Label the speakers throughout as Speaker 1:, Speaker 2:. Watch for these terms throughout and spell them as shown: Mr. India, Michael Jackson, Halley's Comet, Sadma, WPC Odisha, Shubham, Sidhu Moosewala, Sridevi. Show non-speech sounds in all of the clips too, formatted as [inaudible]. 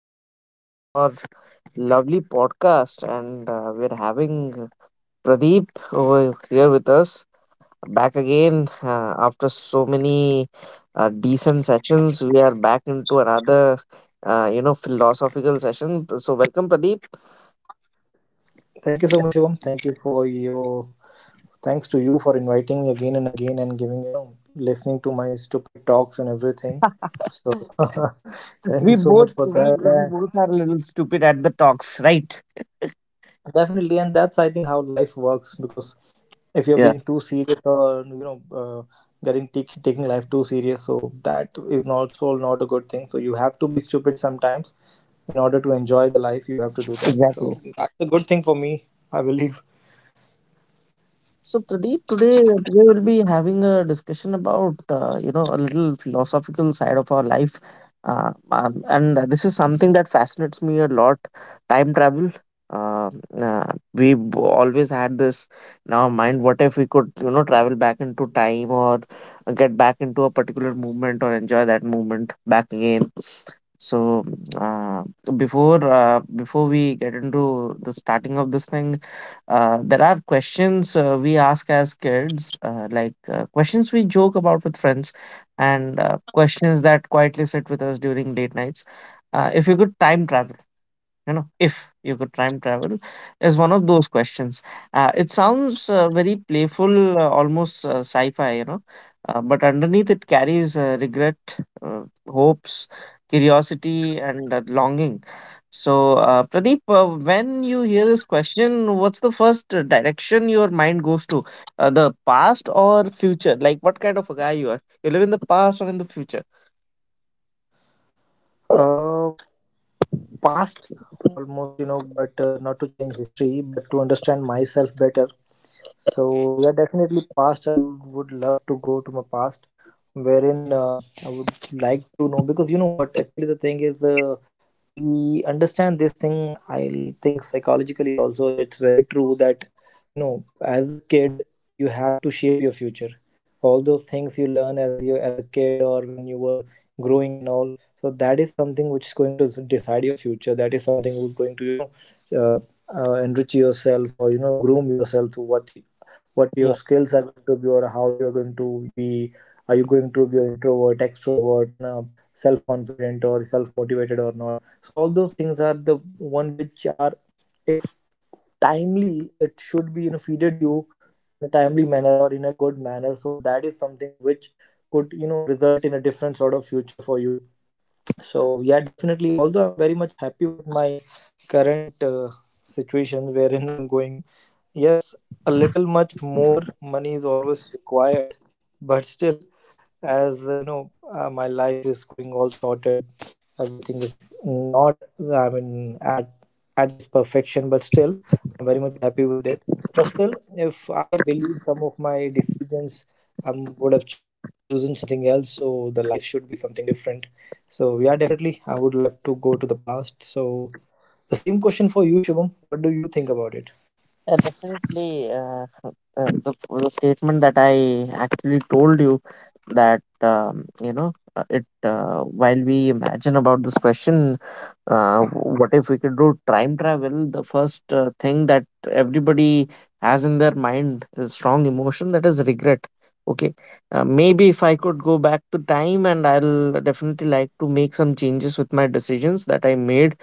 Speaker 1: to another show of our lovely podcast. And we're having Pradeep over here with us back again after so many decent sessions. We are back into another, philosophical session. So, welcome, Pradeep.
Speaker 2: Thank you so much, Shubham. Thank you for your thanks to you for inviting me again and again and giving listening to my stupid talks and everything. So [laughs] thank you
Speaker 1: We
Speaker 2: so
Speaker 1: both
Speaker 2: much for
Speaker 1: we,
Speaker 2: that.
Speaker 1: we both are a little stupid at the talks, right?
Speaker 2: Definitely, and that's, I think, how life works, because if you're
Speaker 1: Yeah,
Speaker 2: being too serious or taking life too serious, so that is not, also not a good thing. So you have to be stupid sometimes in order to enjoy the life. You have to do that.
Speaker 1: exactly.
Speaker 2: So that's a good thing for me, I believe.
Speaker 1: So Pradeep, today we'll be having a discussion about you know a little philosophical side of our life, and this is something that fascinates me a lot. Time travel. Uh, we always had this in our mind. What if we could you know travel back into time or get back into a particular movement or enjoy that movement back again? So uh, Before we get into the starting of this thing. There are questions we ask as kids, like questions we joke about with friends, and questions that quietly sit with us during late nights. If you could time travel, you know, if you could time travel, is one of those questions. It sounds very playful, almost sci-fi, you know, but underneath it carries regret, uh, hopes, curiosity, and longing. So, Pradeep, when you hear this question, what's the first direction your mind goes to? The past or future? Like, what kind of a guy you are? You live in the past or in the future?
Speaker 2: Uh, Past almost, but not to change history but to understand myself better. So yeah, definitely past. I would love to go to my past, wherein I would like to know, because what actually the thing is. We understand this thing. I think psychologically also it's very true that as a kid you have to shape your future. All those things you learn as a kid, or when you were growing and all. So that is something which is going to decide your future. That is something who's going to uh, enrich yourself or groom yourself to what your
Speaker 1: Yeah,
Speaker 2: skills are going to be, or how you are going to be, are you going to be an introvert, extrovert, no, self-confident or self-motivated or not. So all those things are the one which are, if timely, it should be feeded you in a timely manner or in a good manner, so that is something which could result in a different sort of future for you. So yeah, definitely, although I'm very much happy with my current situation, wherein I'm going, yes, a little much more money is always required, [laughs] but still, as my life is going all sorted. Everything is not, I mean, at its perfection, but still, I'm very much happy with it. But still, if I believe some of my decisions, I would have chosen something else. So the life should be something different. So yeah, definitely, I would like to go to the past. So the same question for you, Shubham. What do you think about it?
Speaker 1: definitely. The statement that I actually told you that you know it while we imagine about this question. What if we could do time travel? The first thing that everybody has in their mind is strong emotion, that is regret. Okay, maybe if I could go back to time and I'll definitely like to make some changes with my decisions that I made,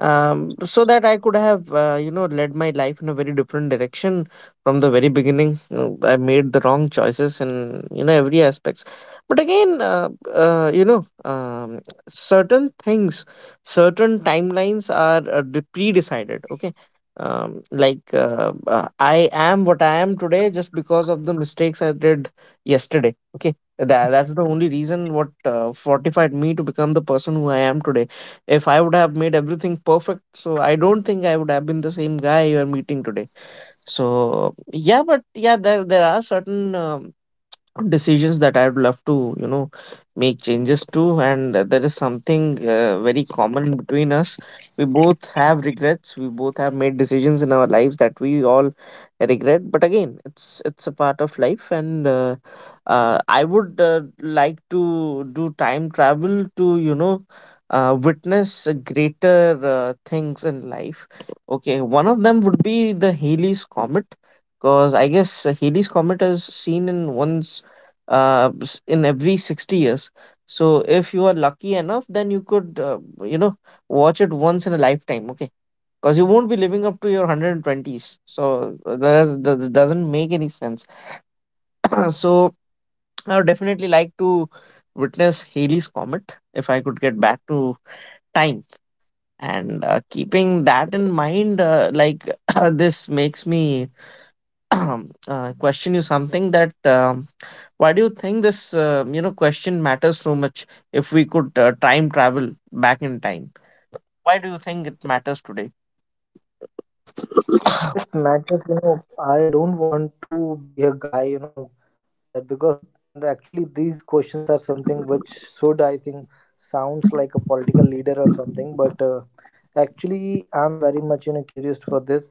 Speaker 1: so that I could have, you know, led my life in a very different direction from the very beginning. I made the wrong choices in, you know, every aspects. But again, certain things, certain timelines are pre-decided. Okay, I am what I am today just because of the mistakes I did yesterday. Okay, that's the only reason what fortified me to become the person who I am today. If I would have made everything perfect, so I don't think I would have been the same guy you are meeting today. So yeah, but yeah, there are certain decisions that I would love to, you know, make changes to. And there is something very common between us. We both have regrets. We both have made decisions in our lives that we all regret. But again, it's a part of life. And I would like to do time travel to, you know, witness greater things in life. Okay, one of them would be the Halley's Comet, because I guess Halley's Comet is seen in once in every 60 years. So if you are lucky enough, then you could, you know, watch it once in a lifetime. Okay, because you won't be living up to your 120s. So that doesn't make any sense. So I would definitely like to witness Halley's Comet if I could get back to time. And keeping that in mind, [coughs] [clears throat] this makes me [coughs] [clears throat] question you something that why do you think this, question matters so much if we could time travel back in time? Why do you think it matters today? [coughs]
Speaker 2: It matters, you know. I don't want to be a guy, that, because actually these questions are something which should, I think, sounds like a political leader or something. But actually, I'm very much, curious for this.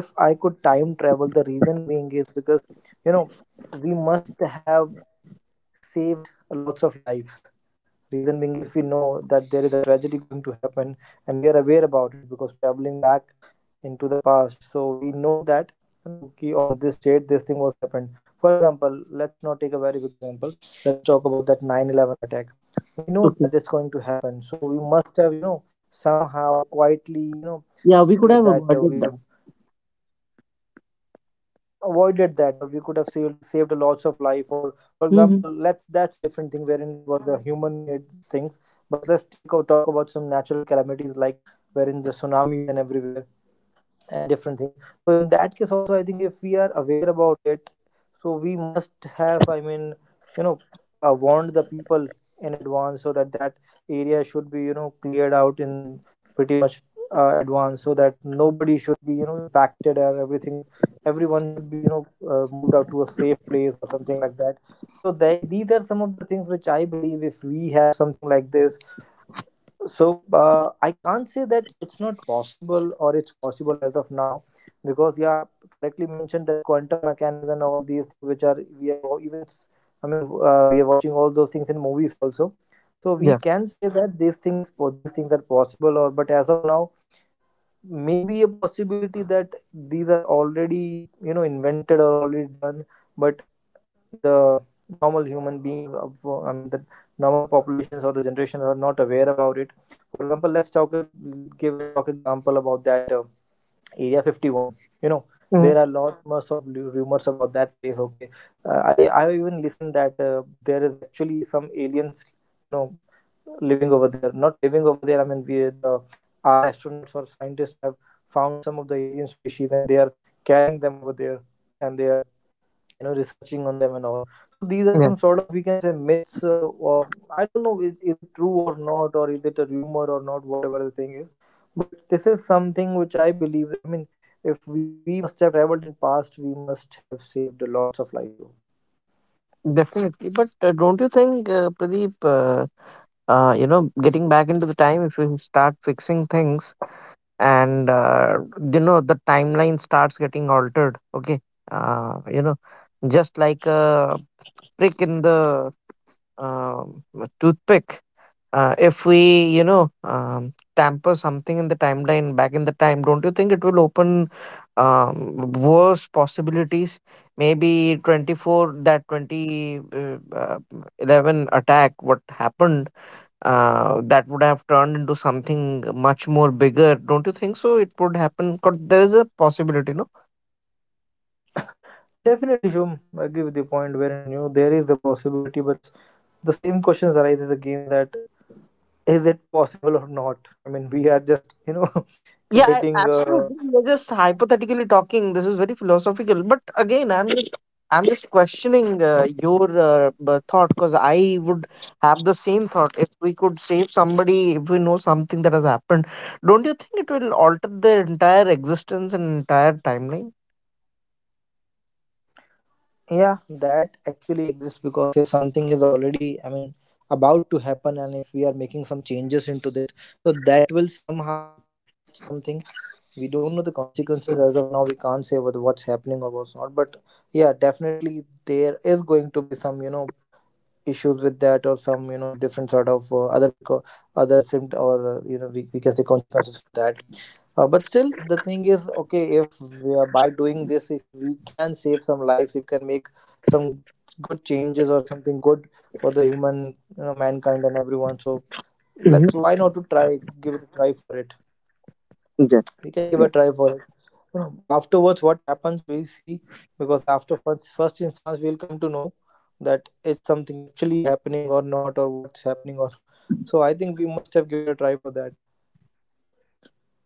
Speaker 2: If I could time travel, the reason being is because, you know, we must have saved lots of lives. Reason being, if we know that there is a tragedy going to happen, and we are aware about it, because traveling back into the past, so we know that, okay, on this date this thing was happened. For example, let's not take a very good example. Let's talk about that 9/11 attack. We know
Speaker 1: Okay.
Speaker 2: that this is going to happen, so we must have, somehow, quietly,
Speaker 1: Yeah, we could have
Speaker 2: that we
Speaker 1: avoided
Speaker 2: have
Speaker 1: that.
Speaker 2: avoided that, or we could have saved a lots of life. Or for
Speaker 1: Hmm.
Speaker 2: example, let's that's a different thing, wherein it was the human made things. But let's take or talk about some natural calamities, like wherein the tsunamis and everywhere and different things. So in that case also, I think, if we are aware about it, so we must have, I mean, you know warned the people in advance, so that that area should be cleared out in pretty much advance, so that nobody should be impacted, or everything everyone should be moved out to a safe place or something like that. So these are some of the things which I believe. If we have something like this, so I can't say that it's not possible or it's possible as of now, because yeah, correctly mentioned that quantum mechanics and all these things which are, we have I mean, we are watching all those things in movies also. So we
Speaker 1: Yeah.
Speaker 2: can say that these things are possible, or but as of now, maybe a possibility that these are already, invented or already done, but the normal human beings I mean, the normal populations or the generations are not aware about it. For example, give a talk example about that area 51. you know
Speaker 1: Hmm.
Speaker 2: there are lot much of rumors about that place. Okay, I even listened that there is actually some aliens, you know living over there. Not living over there, I mean, we, the our astronauts or scientists have found some of the alien species, and they are carrying them over there, and they are, researching on them and all. So these are
Speaker 1: Yeah.
Speaker 2: some sort of, we can say, myths, or I don't know, is it true or not, or is it a rumor or not, whatever the thing is. But this is something which I believe, I mean, if we must have traveled in past, we must have saved lots of lives, Shubham.
Speaker 1: Definitely. But don't you think, Pradeep, you know, getting back into the time, if we start fixing things and, you know, the timeline starts getting altered, okay? You know, just like a prick in the a toothpick. If we, you know, tamper something in the timeline back in the time, don't you think it will open worse possibilities? Maybe 24, that 20, 11 attack, what happened, that would have turned into something much more bigger. Don't you think so? It would happen. 'Cause there is a possibility, no?
Speaker 2: Definitely, Shubham, I agree with your point wherein there is the possibility, but the same questions arises again, that is it possible or not. I mean, we are just, [laughs]
Speaker 1: Yeah, I-
Speaker 2: creating a.
Speaker 1: absolutely. We're just hypothetically talking. This is very philosophical. But again, I'm just questioning your thought, because I would have the same thought. If we could save somebody, if we know something that has happened, don't you think it will alter their entire existence and entire timeline?
Speaker 2: Yeah, that actually exists, because if something is already, I mean, about to happen, and if we are making some changes into that, so that will somehow, somewhere impact something. We don't know the consequences as of now. We can't say whether what's happening or what's not. But yeah, definitely there is going to be some, issues with that, or some, different sort of other other symptom, or we can say consequences for that. But still, the thing is, okay, if we are, by doing this, if we can save some lives, if we can make some good changes or something good for the human, mankind and everyone. So
Speaker 1: Mhm.
Speaker 2: let's, why not to try, give it a try for it.
Speaker 1: Yeah.
Speaker 2: We can give a try for it. You know, afterwards, what happens, we see, because after first instance, we'll come to know that it's something actually happening or not, or what's happening or. So I think we must have given a try for that.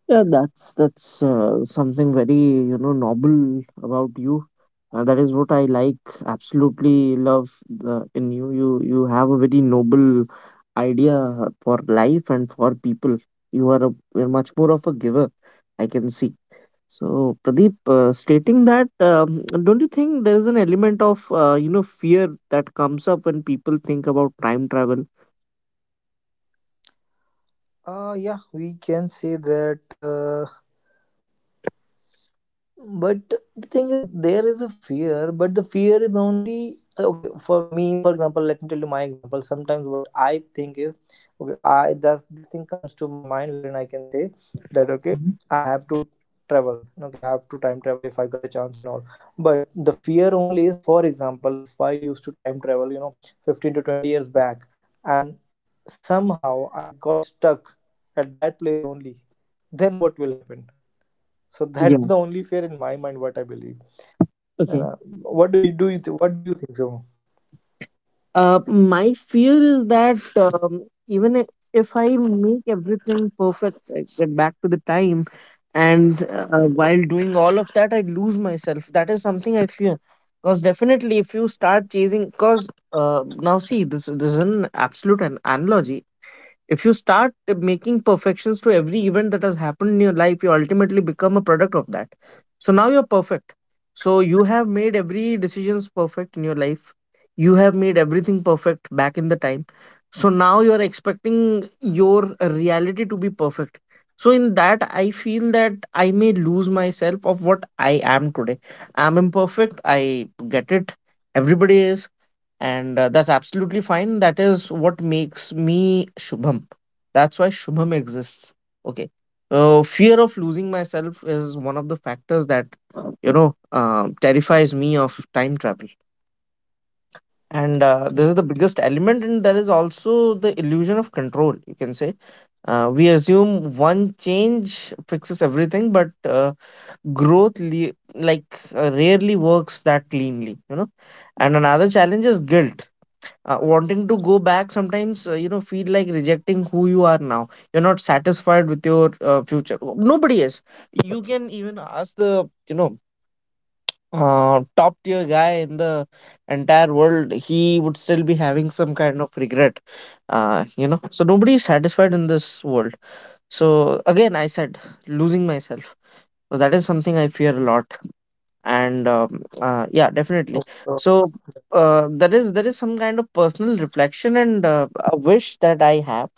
Speaker 1: Yeah, that's something very you know noble about you. That is what I like. Absolutely love in you. You have a very noble idea for life and for people. You are a you're much more of a giver. I can see. So Pradeep, stating that, don't you think there is an element of you know fear that comes up when people think about time travel?
Speaker 2: Yeah, we can say that. But the thing is, there is a fear, but the fear is only okay for me. For example, let me tell you my example. Sometimes what I think is, okay, I that this thing comes to my mind, wherein I can say that, okay,
Speaker 1: Mhm.
Speaker 2: I have to travel. Okay, I have to time travel if I got a chance and all. But the fear only is, for example, if I used to time travel, 15 to 20 years back, and somehow I got stuck at that place only, then what will happen? So that is the only fear in my mind, what I believe. And,
Speaker 1: Yeah.
Speaker 2: what do you do? What do you think, Shubham?
Speaker 1: My fear is that if I make everything perfect, I get back to the time, and while doing all of that, I lose myself. That is something I fear. Because definitely, if you start chasing, because now see, this is an absolute an analogy. If you start making perfections to every event that has happened in your life, you ultimately become a product of that. So now you're perfect. So you have made every decisions perfect in your life. You have made everything perfect back in the time. So now you're expecting your reality to be perfect. So in that, I feel that I may lose myself of what I am today. I'm imperfect. I get it. Everybody is, and that's absolutely fine. That is what makes me Shubham. That's why Shubham exists. Okay, fear of losing myself is one of the factors that you know terrifies me of time travel. And this is the biggest element, and there is also the illusion of control, you can say. We assume one change fixes everything, but growth rarely works that cleanly, you know. And another challenge is guilt. Wanting to go back sometimes you know feel like rejecting who you are now. You're not satisfied with your future. Nobody is. You can even ask the top tier guy in the entire world, he would still be having some kind of regret. You know, so nobody is satisfied in this world. So again I said, losing myself, so that is something I fear a lot. And yeah, definitely.
Speaker 2: Okay, so,
Speaker 1: So there is some kind of personal reflection and a wish that I have.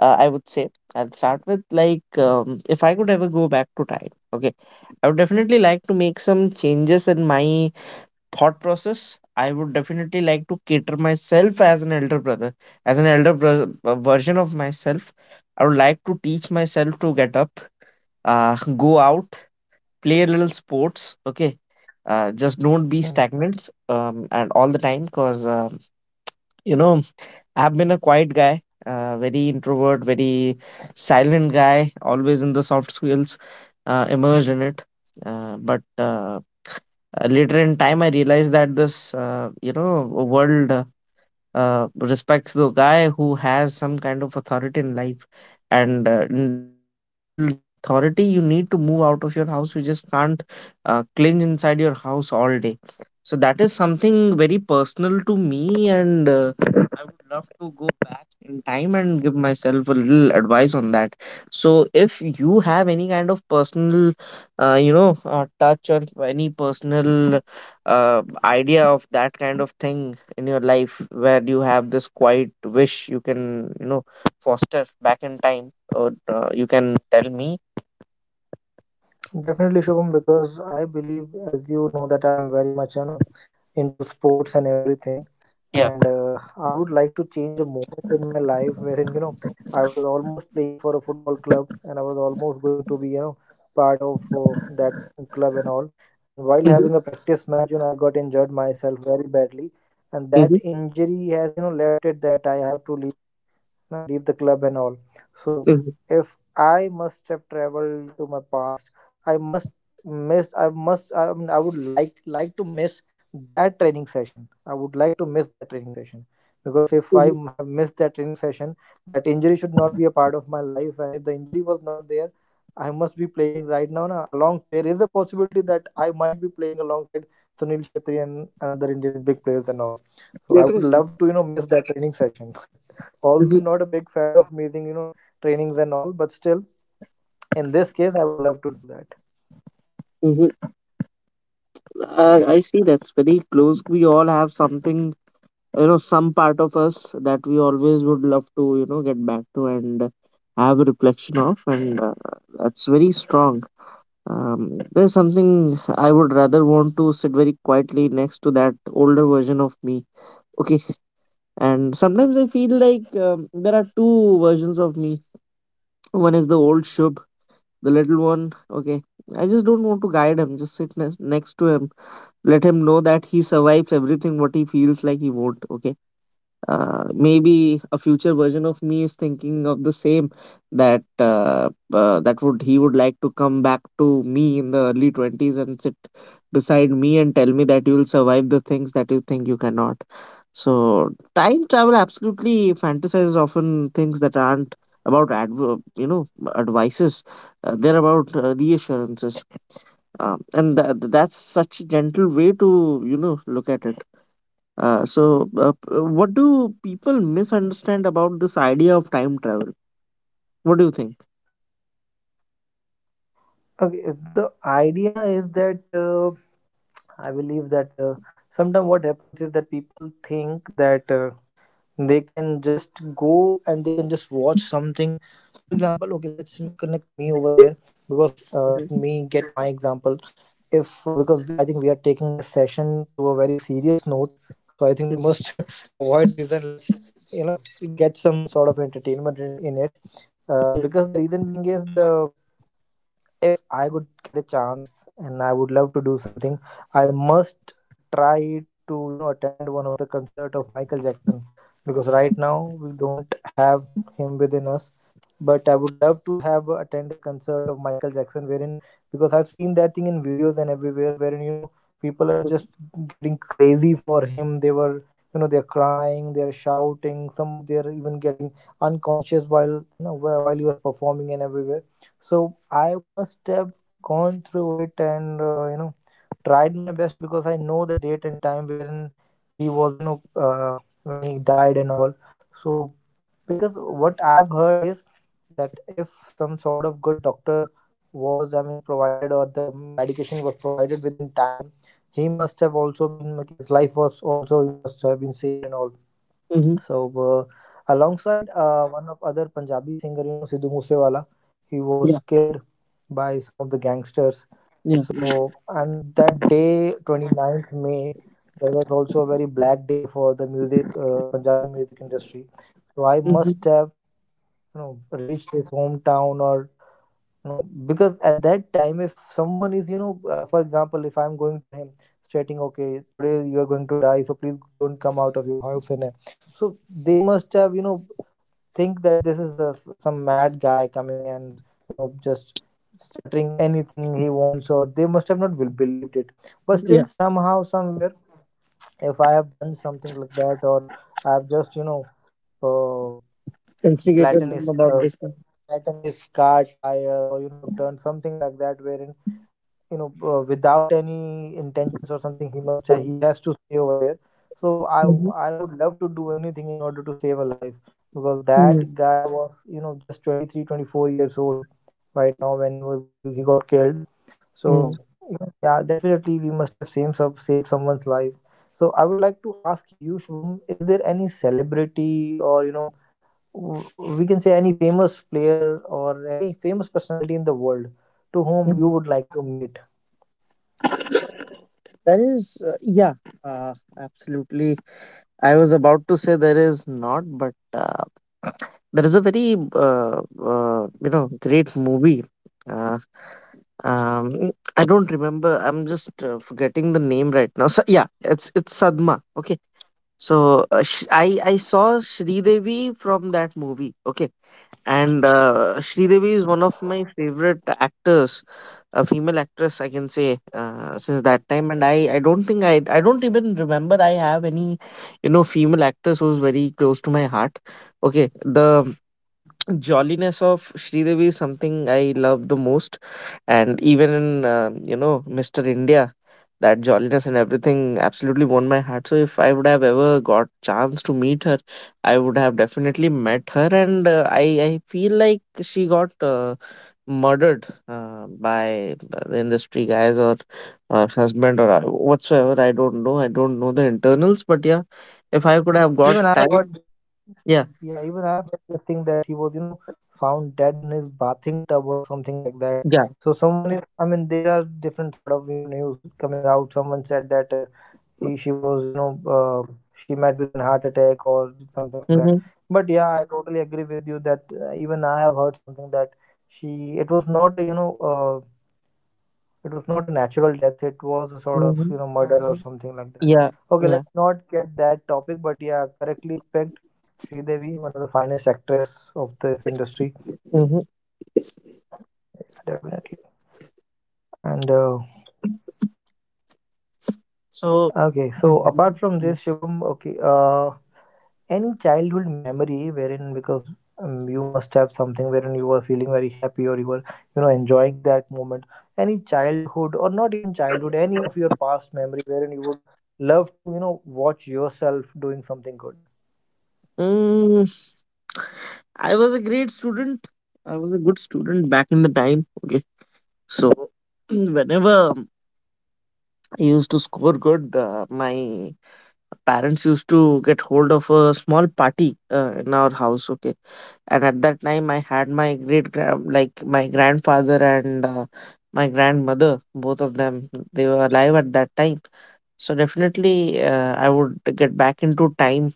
Speaker 1: I would say I'll start with, if I could ever go back to time, okay, I would definitely like to make some changes in my thought process. I would definitely like to cater myself as an elder brother, as an elder bro- version of myself. I would like to teach myself to get up, uh, go out, play a little sports. Okay, just don't be
Speaker 2: yeah.
Speaker 1: stagnant and all the time, because you know I've been a quiet guy, very introvert, very silent guy, always in the soft skills immersed in it. But later in time I realized that this you know world respects the guy who has some kind of authority in life. And in order to build the authority, you need to move out of your house. You just can't clinch inside your house all day. So that is something very personal to me, and I would love to go back in time and give myself a little advice on that. So if you have any kind of personal, touch or any personal idea of that kind of thing, in your life where you have this quiet wish, you can you know foster back in time, or you can tell me.
Speaker 2: Definitely, Shubham, because I believe, as you know, that I'm very much, into sports and everything,
Speaker 1: Yeah.
Speaker 2: and I would like to change a moment in my life, wherein I was almost playing for a football club, and I was almost going to be, part of that club and all. And while
Speaker 1: Mm-hmm,
Speaker 2: having a practice match, I got injured myself very badly, and
Speaker 1: mm-hmm,
Speaker 2: that injury has, left it, that I have to know, leave the club and all. So
Speaker 1: mm-hmm,
Speaker 2: if I must have traveled to my past, I must miss. I must. I mean, I would like to miss that training session. I would like to miss that training session, because if
Speaker 1: mm-hmm,
Speaker 2: have missed that training session, that injury should not be a part of my life. And if the injury was not there, I must be playing right now. Na, along there is a possibility that I might be playing alongside Sunil Shetty and another Indian big players and all. So I would
Speaker 1: definitely.
Speaker 2: love to miss that training session. [laughs] Although
Speaker 1: Mm-hmm,
Speaker 2: I'm not a big fan of meeting, trainings and all, but still, in this case, I would love to do that.
Speaker 1: mm-hmm. I,
Speaker 2: Yeah.
Speaker 1: I see, that's very close. We all have something, you know, some part of us that we always would love to, you know, get back to and have a reflection of, and that's very strong. There's something I would rather want to sit very quietly next to that older version of me. Okay. And sometimes I feel like there are two versions of me. One is the old Shub, the little one. Okay, I just don't want to guide him. Just sit next to him, let him know that he survives everything what he feels like he won't. Okay, maybe a future version of me is thinking of the same, that that would he would like to come back to me in the early 20s and sit beside me and tell me that you will survive the things that you think you cannot. So time travel absolutely fantasizes often things that aren't about advices. They're about reassurances. And that's such a gentle way to look at it. So, what do people misunderstand about this idea of time travel? What do you think?
Speaker 2: Okay, the idea is that I believe that sometimes what happens is that people think that they can just go and they can just watch something. For example, okay, let's connect me over there. Because let
Speaker 1: Mm-hmm.
Speaker 2: me get my example. If Because I think we are taking this session to a very serious note, so I think we must [laughs] avoid this, and let's you know get some sort of entertainment in it. Because the reason being is the if I would get a chance and I would love to do something, I must try to attend one of the concert of Michael Jackson, because right now we don't have him within us. But I would love to have attend a concert of Michael Jackson wherein, because I've seen that thing in videos and everywhere wherein people are just getting crazy for him. They were they're crying, they're shouting. Some of they're even getting unconscious while you know while he was performing and everywhere. So I must have gone through it and tried my best, because I know the date and time wherein he was when he died and all. So because what I've heard is that if some sort of good doctor was, I mean, provided, or the medication was provided within time, he must have also been, like, his life was also, he must have been saved and all.
Speaker 1: Mm-hmm.
Speaker 2: So, alongside one of other Punjabi singer, Sidhu Moosewala, he was
Speaker 1: Yeah,
Speaker 2: killed by some of the gangsters.
Speaker 1: yeah,
Speaker 2: So, and that day, 29th May, there was also a very black day for the music, Punjabi music industry. So I
Speaker 1: mm-hmm.
Speaker 2: must have, reached his hometown or no, because at that time, if someone is, for example, if I'm going to him stating, okay, today you are going to die, so please don't come out of your house. And so they must have, think that this is a some mad guy coming and, just uttering anything he wants, or they must have not will believed it. But
Speaker 1: Yeah.
Speaker 2: still, somehow, somewhere, if I have done something like that, or I've just, uh,
Speaker 1: Instigated
Speaker 2: flattened
Speaker 1: them
Speaker 2: his,
Speaker 1: about
Speaker 2: uh,
Speaker 1: this kind of
Speaker 2: flattened his car tire, or, done something like that, wherein without any intentions or something,
Speaker 1: point.
Speaker 2: he has to stay over there. So i
Speaker 1: Mm-hmm.
Speaker 2: i would love to do anything in order to save a life, because
Speaker 1: Mm-hmm.
Speaker 2: that guy was just 23, 24 years old right now when he got killed. So, yeah, definitely we must have saved, saved someone's life. So I would like to ask you, Shubham, is there any celebrity, or we can say, any famous player or any famous personality in the world to whom you
Speaker 1: Mm-hmm.
Speaker 2: would like to meet?
Speaker 1: There is, yeah, uh, absolutely. I was about to say there is not, but there is a very great movie. Uh, um, I don't remember. I'm just forgetting the name right now. So yeah, it's Sadma. Okay, so I saw Sridevi from that movie. Okay, and Sridevi is one of my favorite actors, a female actress I can say, since that time. And I don't think I don't even remember I have any, female actress who's very close to my heart. Okay, the jolliness of Sridevi is something I love the most, and even in Mr. India, that jolliness and everything absolutely won my heart. So if I would have ever got chance to meet her, I would have definitely met her, and I feel like she got murdered by the industry guys or her husband or whatsoever. I don't know. I don't know the internals, but yeah, if I could have got
Speaker 2: Even I have
Speaker 1: time,
Speaker 2: heard,
Speaker 1: yeah,
Speaker 2: yeah, even I have heard this thing that he was, found dead in his bathing tub or something like that.
Speaker 1: yeah,
Speaker 2: So someone is, I mean, there are different sort of, news coming out. Someone said that she was, she met with an heart attack or something like that.
Speaker 1: hmm.
Speaker 2: But yeah, I totally agree with you that even I have heard something that it was not, it was not a natural death, it was a sort of
Speaker 1: Hmm.
Speaker 2: murder or Mhm. something like that.
Speaker 1: Yeah.
Speaker 2: Okay,
Speaker 1: Yeah.
Speaker 2: let's not get that topic, but yeah, correctly picked. Sridevi, one of the finest actress of this industry.
Speaker 1: Mhm.
Speaker 2: Yeah, definitely. And
Speaker 1: So,
Speaker 2: okay, so apart from
Speaker 1: mhm.
Speaker 2: this, Shivam, okay, any childhood memory wherein, because you must have something wherein you were feeling very happy or you were enjoying that moment. Any childhood, or not even childhood, any of your past memory wherein you would love to watch yourself doing something good.
Speaker 1: Mm, I was a great student. I was a good student back in the time. Okay. So, [clears throat] whenever I used to score good, my parents used to get hold of a small party in our house. Okay. And at that time, I had my like my grandfather and my grandmother, both of them, they were alive at that time. So, definitely, I would get back into time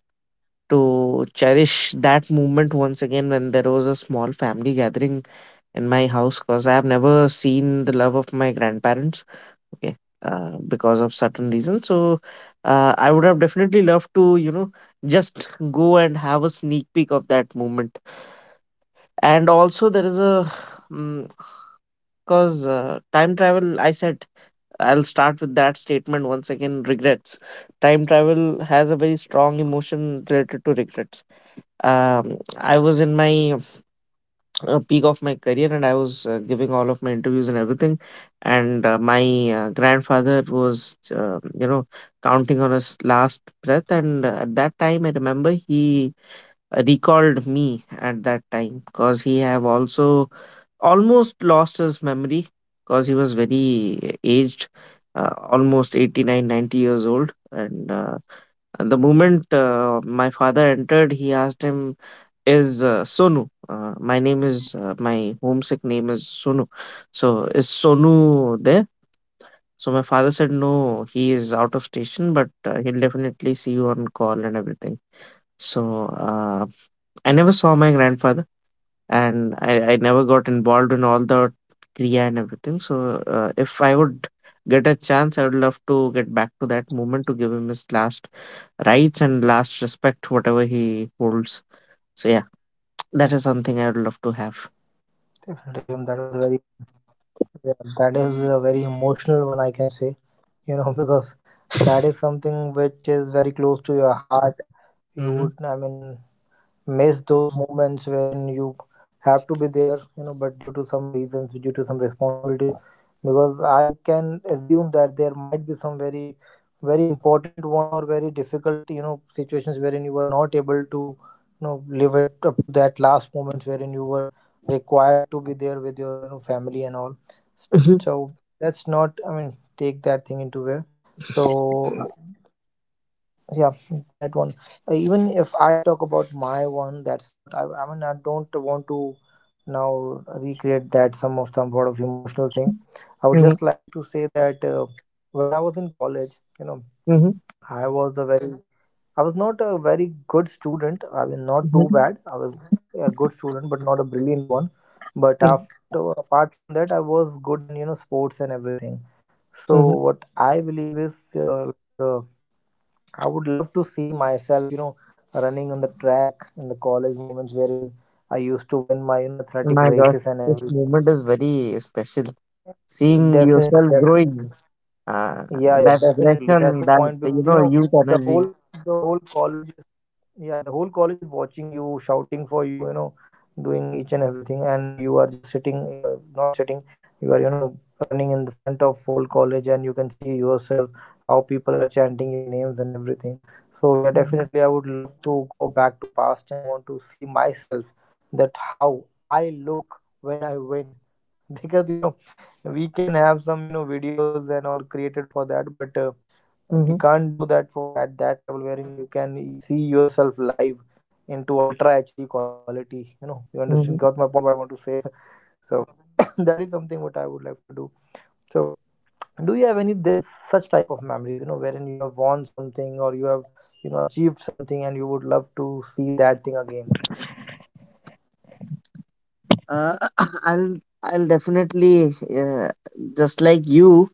Speaker 1: to cherish that moment once again when there was a small family gathering in my house, because I have never seen the love of my grandparents. Okay. Because of certain reasons. So I would have definitely loved to, just go and have a sneak peek of that moment. And also, there is a, because time travel, I said, I'll start with that statement once again, regrets. Time travel has a very strong emotion related to regrets. I was in my peak of my career and I was giving all of my interviews and everything. And my grandfather was, counting on his last breath. And at that time, I remember he recalled me at that time because he have also almost lost his memory, because he was very aged. Almost 89, 90 years old, and the moment my father entered, he asked him, is Sonu. My name is, my homesick name is Sonu. So is Sonu there? So my father said no, he is out of station, but he'll definitely see you on call and everything. So I never saw my grandfather, and I never got involved in all the kriya and everything. So if I would get a chance, I would love to get back to that moment to give him his last rights and last respect, whatever he holds. So yeah, that is something I would love to have.
Speaker 2: Definitely, Shubham, that was a very, yeah, that is a very emotional one, I can say, you know, [laughs] because that is something which is very close to your heart. You
Speaker 1: Mhm,
Speaker 2: would, I mean, miss those moments wherein you have to be there, you know, but due to some reasons, due to some responsibilities, because I can assume that there might be some very, very important one or very difficult, you know, situations wherein you were not able to, you know, live it up to that last moment wherein you were required to be there with your, you know, family and all.
Speaker 1: mhm,
Speaker 2: So let's not, I mean, take that thing into where. So yeah, that one. Even if I talk about my one, that's not I, I mean, I don't want to now recreate that some of some sort of emotional things. I would
Speaker 1: mhm,
Speaker 2: just like to say that when I was in college, you know,
Speaker 1: mhm,
Speaker 2: I was a very Mhm. I was not a very good student, I mean, not too
Speaker 1: mhm,
Speaker 2: bad. I was a good student but not a brilliant one. But
Speaker 1: mhm,
Speaker 2: after, apart from that, I was good in, you know, sports and everything. So
Speaker 1: mhm.
Speaker 2: what I believe is like, I would love to see myself, you know, running on the track in the college moments wherein I used to win my, you know, athletic
Speaker 1: My God,
Speaker 2: races and
Speaker 1: this
Speaker 2: every.
Speaker 1: moment is very special.
Speaker 2: Yeah,
Speaker 1: Seeing
Speaker 2: definitely,
Speaker 1: yourself
Speaker 2: definitely.
Speaker 1: growing, uh,
Speaker 2: Yeah, yeah,
Speaker 1: that
Speaker 2: definitely. That's
Speaker 1: aggression,
Speaker 2: the
Speaker 1: that,
Speaker 2: point, because you know,
Speaker 1: youth
Speaker 2: the whole
Speaker 1: energy.
Speaker 2: the whole college, yeah, the whole college is watching you, shouting for you, you know, doing each and everything, and you are just sitting, you are not sitting, you are, you know, running in the front of whole college, and you can see yourself how people are chanting your names and everything. So yeah,
Speaker 1: Mhm,
Speaker 2: definitely, I would love to go back to past and want to see myself that how I look when I win, [laughs] because you know, we can have some, you know, videos and all created for that, but we
Speaker 1: mhm,
Speaker 2: can't do that for at that level wherein you can see yourself live into ultra hd quality, you know, you understand, got
Speaker 1: mhm.
Speaker 2: my point what I want to say. [laughs] So [coughs] that is something what I would like to do. So, do you have any this such type of memories, you know, wherein you have won something or you have, you know, achieved something and you would love to see that thing again?
Speaker 1: Uh, [coughs] I'll definitely, uh, just like you.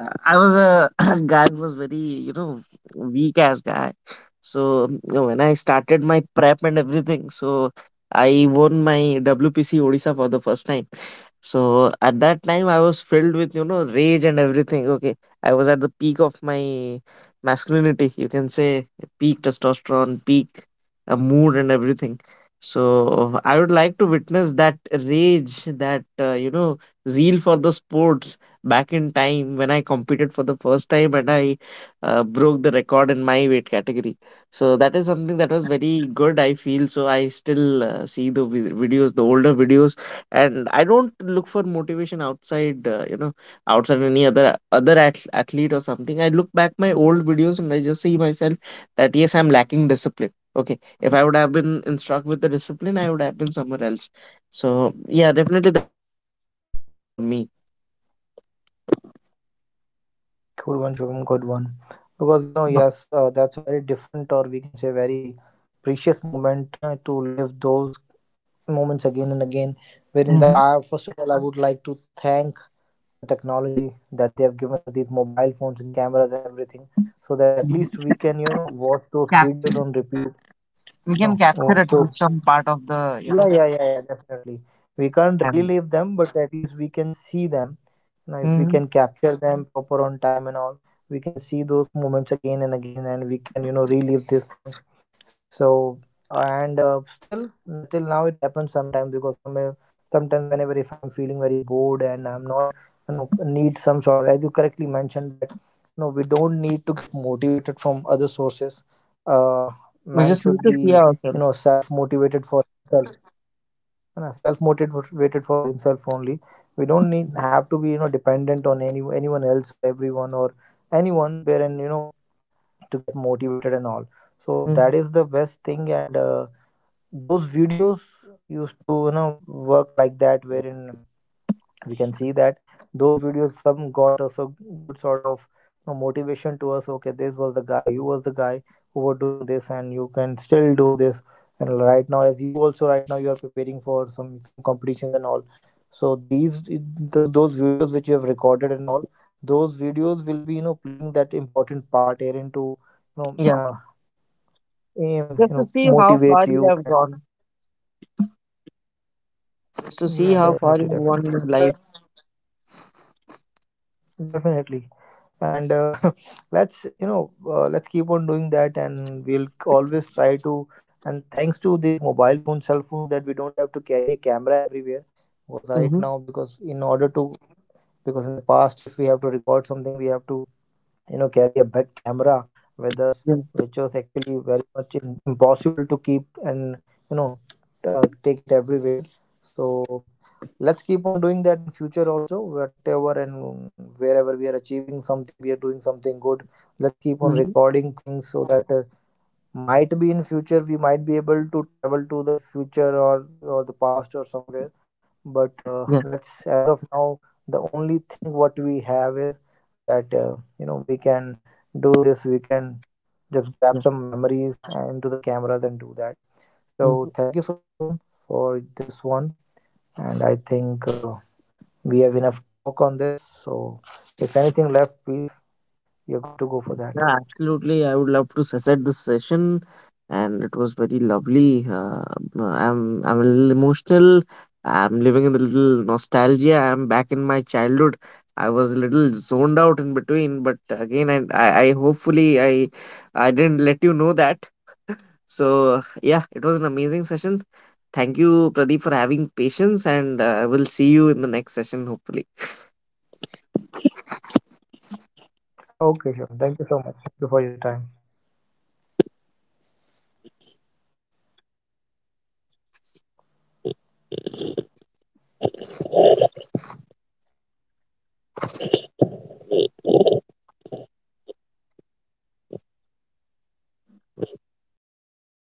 Speaker 1: I was a [coughs] guy who was very, you know weak ass guy. So you know, when I started my prep and everything, so I won my WPC Odisha for the first time. So at that time, I was filled with, rage and everything. Okay. I was at the peak of my masculinity. You can say peak testosterone, peak mood, and everything. So I would like to witness that rage, that, zeal for the sports back in time when I competed for the first time and I broke the record in my weight category. So that is something that was very good, I feel. So I still see the videos, the older videos, and I don't look for motivation outside, outside any other athlete or something. I look back my old videos and I just see myself that yes, I'm lacking discipline. Okay, if I would have been instruct with the discipline, I would have been somewhere else. So yeah, definitely that is one moment for me.
Speaker 2: Cool one, Shubham, good one. Because you know, yes, that's a very different, or we can say, very precious moment, you know, to live those moments again and again, wherein the
Speaker 1: Mhm,
Speaker 2: I, first of all, I would like to thank the technology that they have given us these mobile phones and cameras and everything, so that at
Speaker 1: mhm.
Speaker 2: least we can, you know, watch those
Speaker 1: Cap-
Speaker 2: videos on repeat you
Speaker 1: we can
Speaker 2: know
Speaker 1: capture
Speaker 2: watch
Speaker 1: at
Speaker 2: those
Speaker 1: least some part of the, you know,
Speaker 2: Yeah, yeah, yeah, yeah, definitely. We can't
Speaker 1: memory.
Speaker 2: relive them, but at least we can see them. Now, if we
Speaker 1: Mhm.
Speaker 2: can capture them proper on time and all, we can see those moments again and again, and we can, you know, relive these things. So, and still, till now, it happens sometimes because some, sometimes whenever if I'm feeling very bored and I'm not, you know, need some sort of, as you correctly mentioned that, you know, we don't need to get motivated from other sources. Uh,
Speaker 1: We
Speaker 2: Man
Speaker 1: just need
Speaker 2: should
Speaker 1: to see
Speaker 2: be, you
Speaker 1: ourselves.
Speaker 2: know, self-motivated for himself only. We don't need have to be, you know, dependent on anyone else or everyone or anyone wherein, you know, to get motivated and all. So that
Speaker 1: Mm.
Speaker 2: is the best thing. And those videos used to, you know, work like that wherein we can see that those videos some got us a good sort of, you know, motivation to us. Okay, this was the guy, you was the guy who were doing this and you can still do this. And right now, as you also right now you are preparing for some competitions and all, so these those videos which you have recorded and all, those videos will be, you know, playing that important part herein to, you know,
Speaker 1: Yeah,
Speaker 2: aim, you
Speaker 1: just to
Speaker 2: know,
Speaker 1: see how
Speaker 2: motivate
Speaker 1: far you
Speaker 2: you.
Speaker 1: have gone, just to
Speaker 2: And
Speaker 1: see
Speaker 2: yeah,
Speaker 1: how far you
Speaker 2: definitely,
Speaker 1: have
Speaker 2: definitely,
Speaker 1: gone in
Speaker 2: that,
Speaker 1: your
Speaker 2: definitely. And [laughs] let's, you know, let's keep on doing that, and we'll always try to. And thanks to these mobile phone cell phones that we don't have to carry a camera everywhere was right
Speaker 1: life.
Speaker 2: now, because in order to, because in the past, if we have to record something, we have to, you know, carry a big camera with us,
Speaker 1: Yeah.
Speaker 2: which was actually very much impossible to keep and, you know, take it everywhere. So let's keep on doing that in future also, whatever and wherever we are achieving something, we are doing something good, let's keep on
Speaker 1: Hmm.
Speaker 2: recording things, so that might be in future we might be able to travel to the future or the past or somewhere. But
Speaker 1: Yeah.
Speaker 2: let's, as of now, the only thing what we have is that you know, we can do this, we can just grab
Speaker 1: Yeah.
Speaker 2: some memories into the cameras and do that. So
Speaker 1: Hmm.
Speaker 2: thank you so much, Shubham, for this one. And I think we have enough talk on this. So if anything left, please, you are good to go for that.
Speaker 1: Yeah. Absolutely. I would love to set this session, and it was very lovely. I'm a little emotional. I'm living in the little nostalgia. I'm back in my childhood. I was a little zoned out in between, but again, and I hopefully I didn't let you know that. So yeah, it was an amazing session. Thank you, Pradeep, for having patience, and I will see you in the next session, hopefully.
Speaker 2: Okay, sure. Thank you so much. Thank you for your time.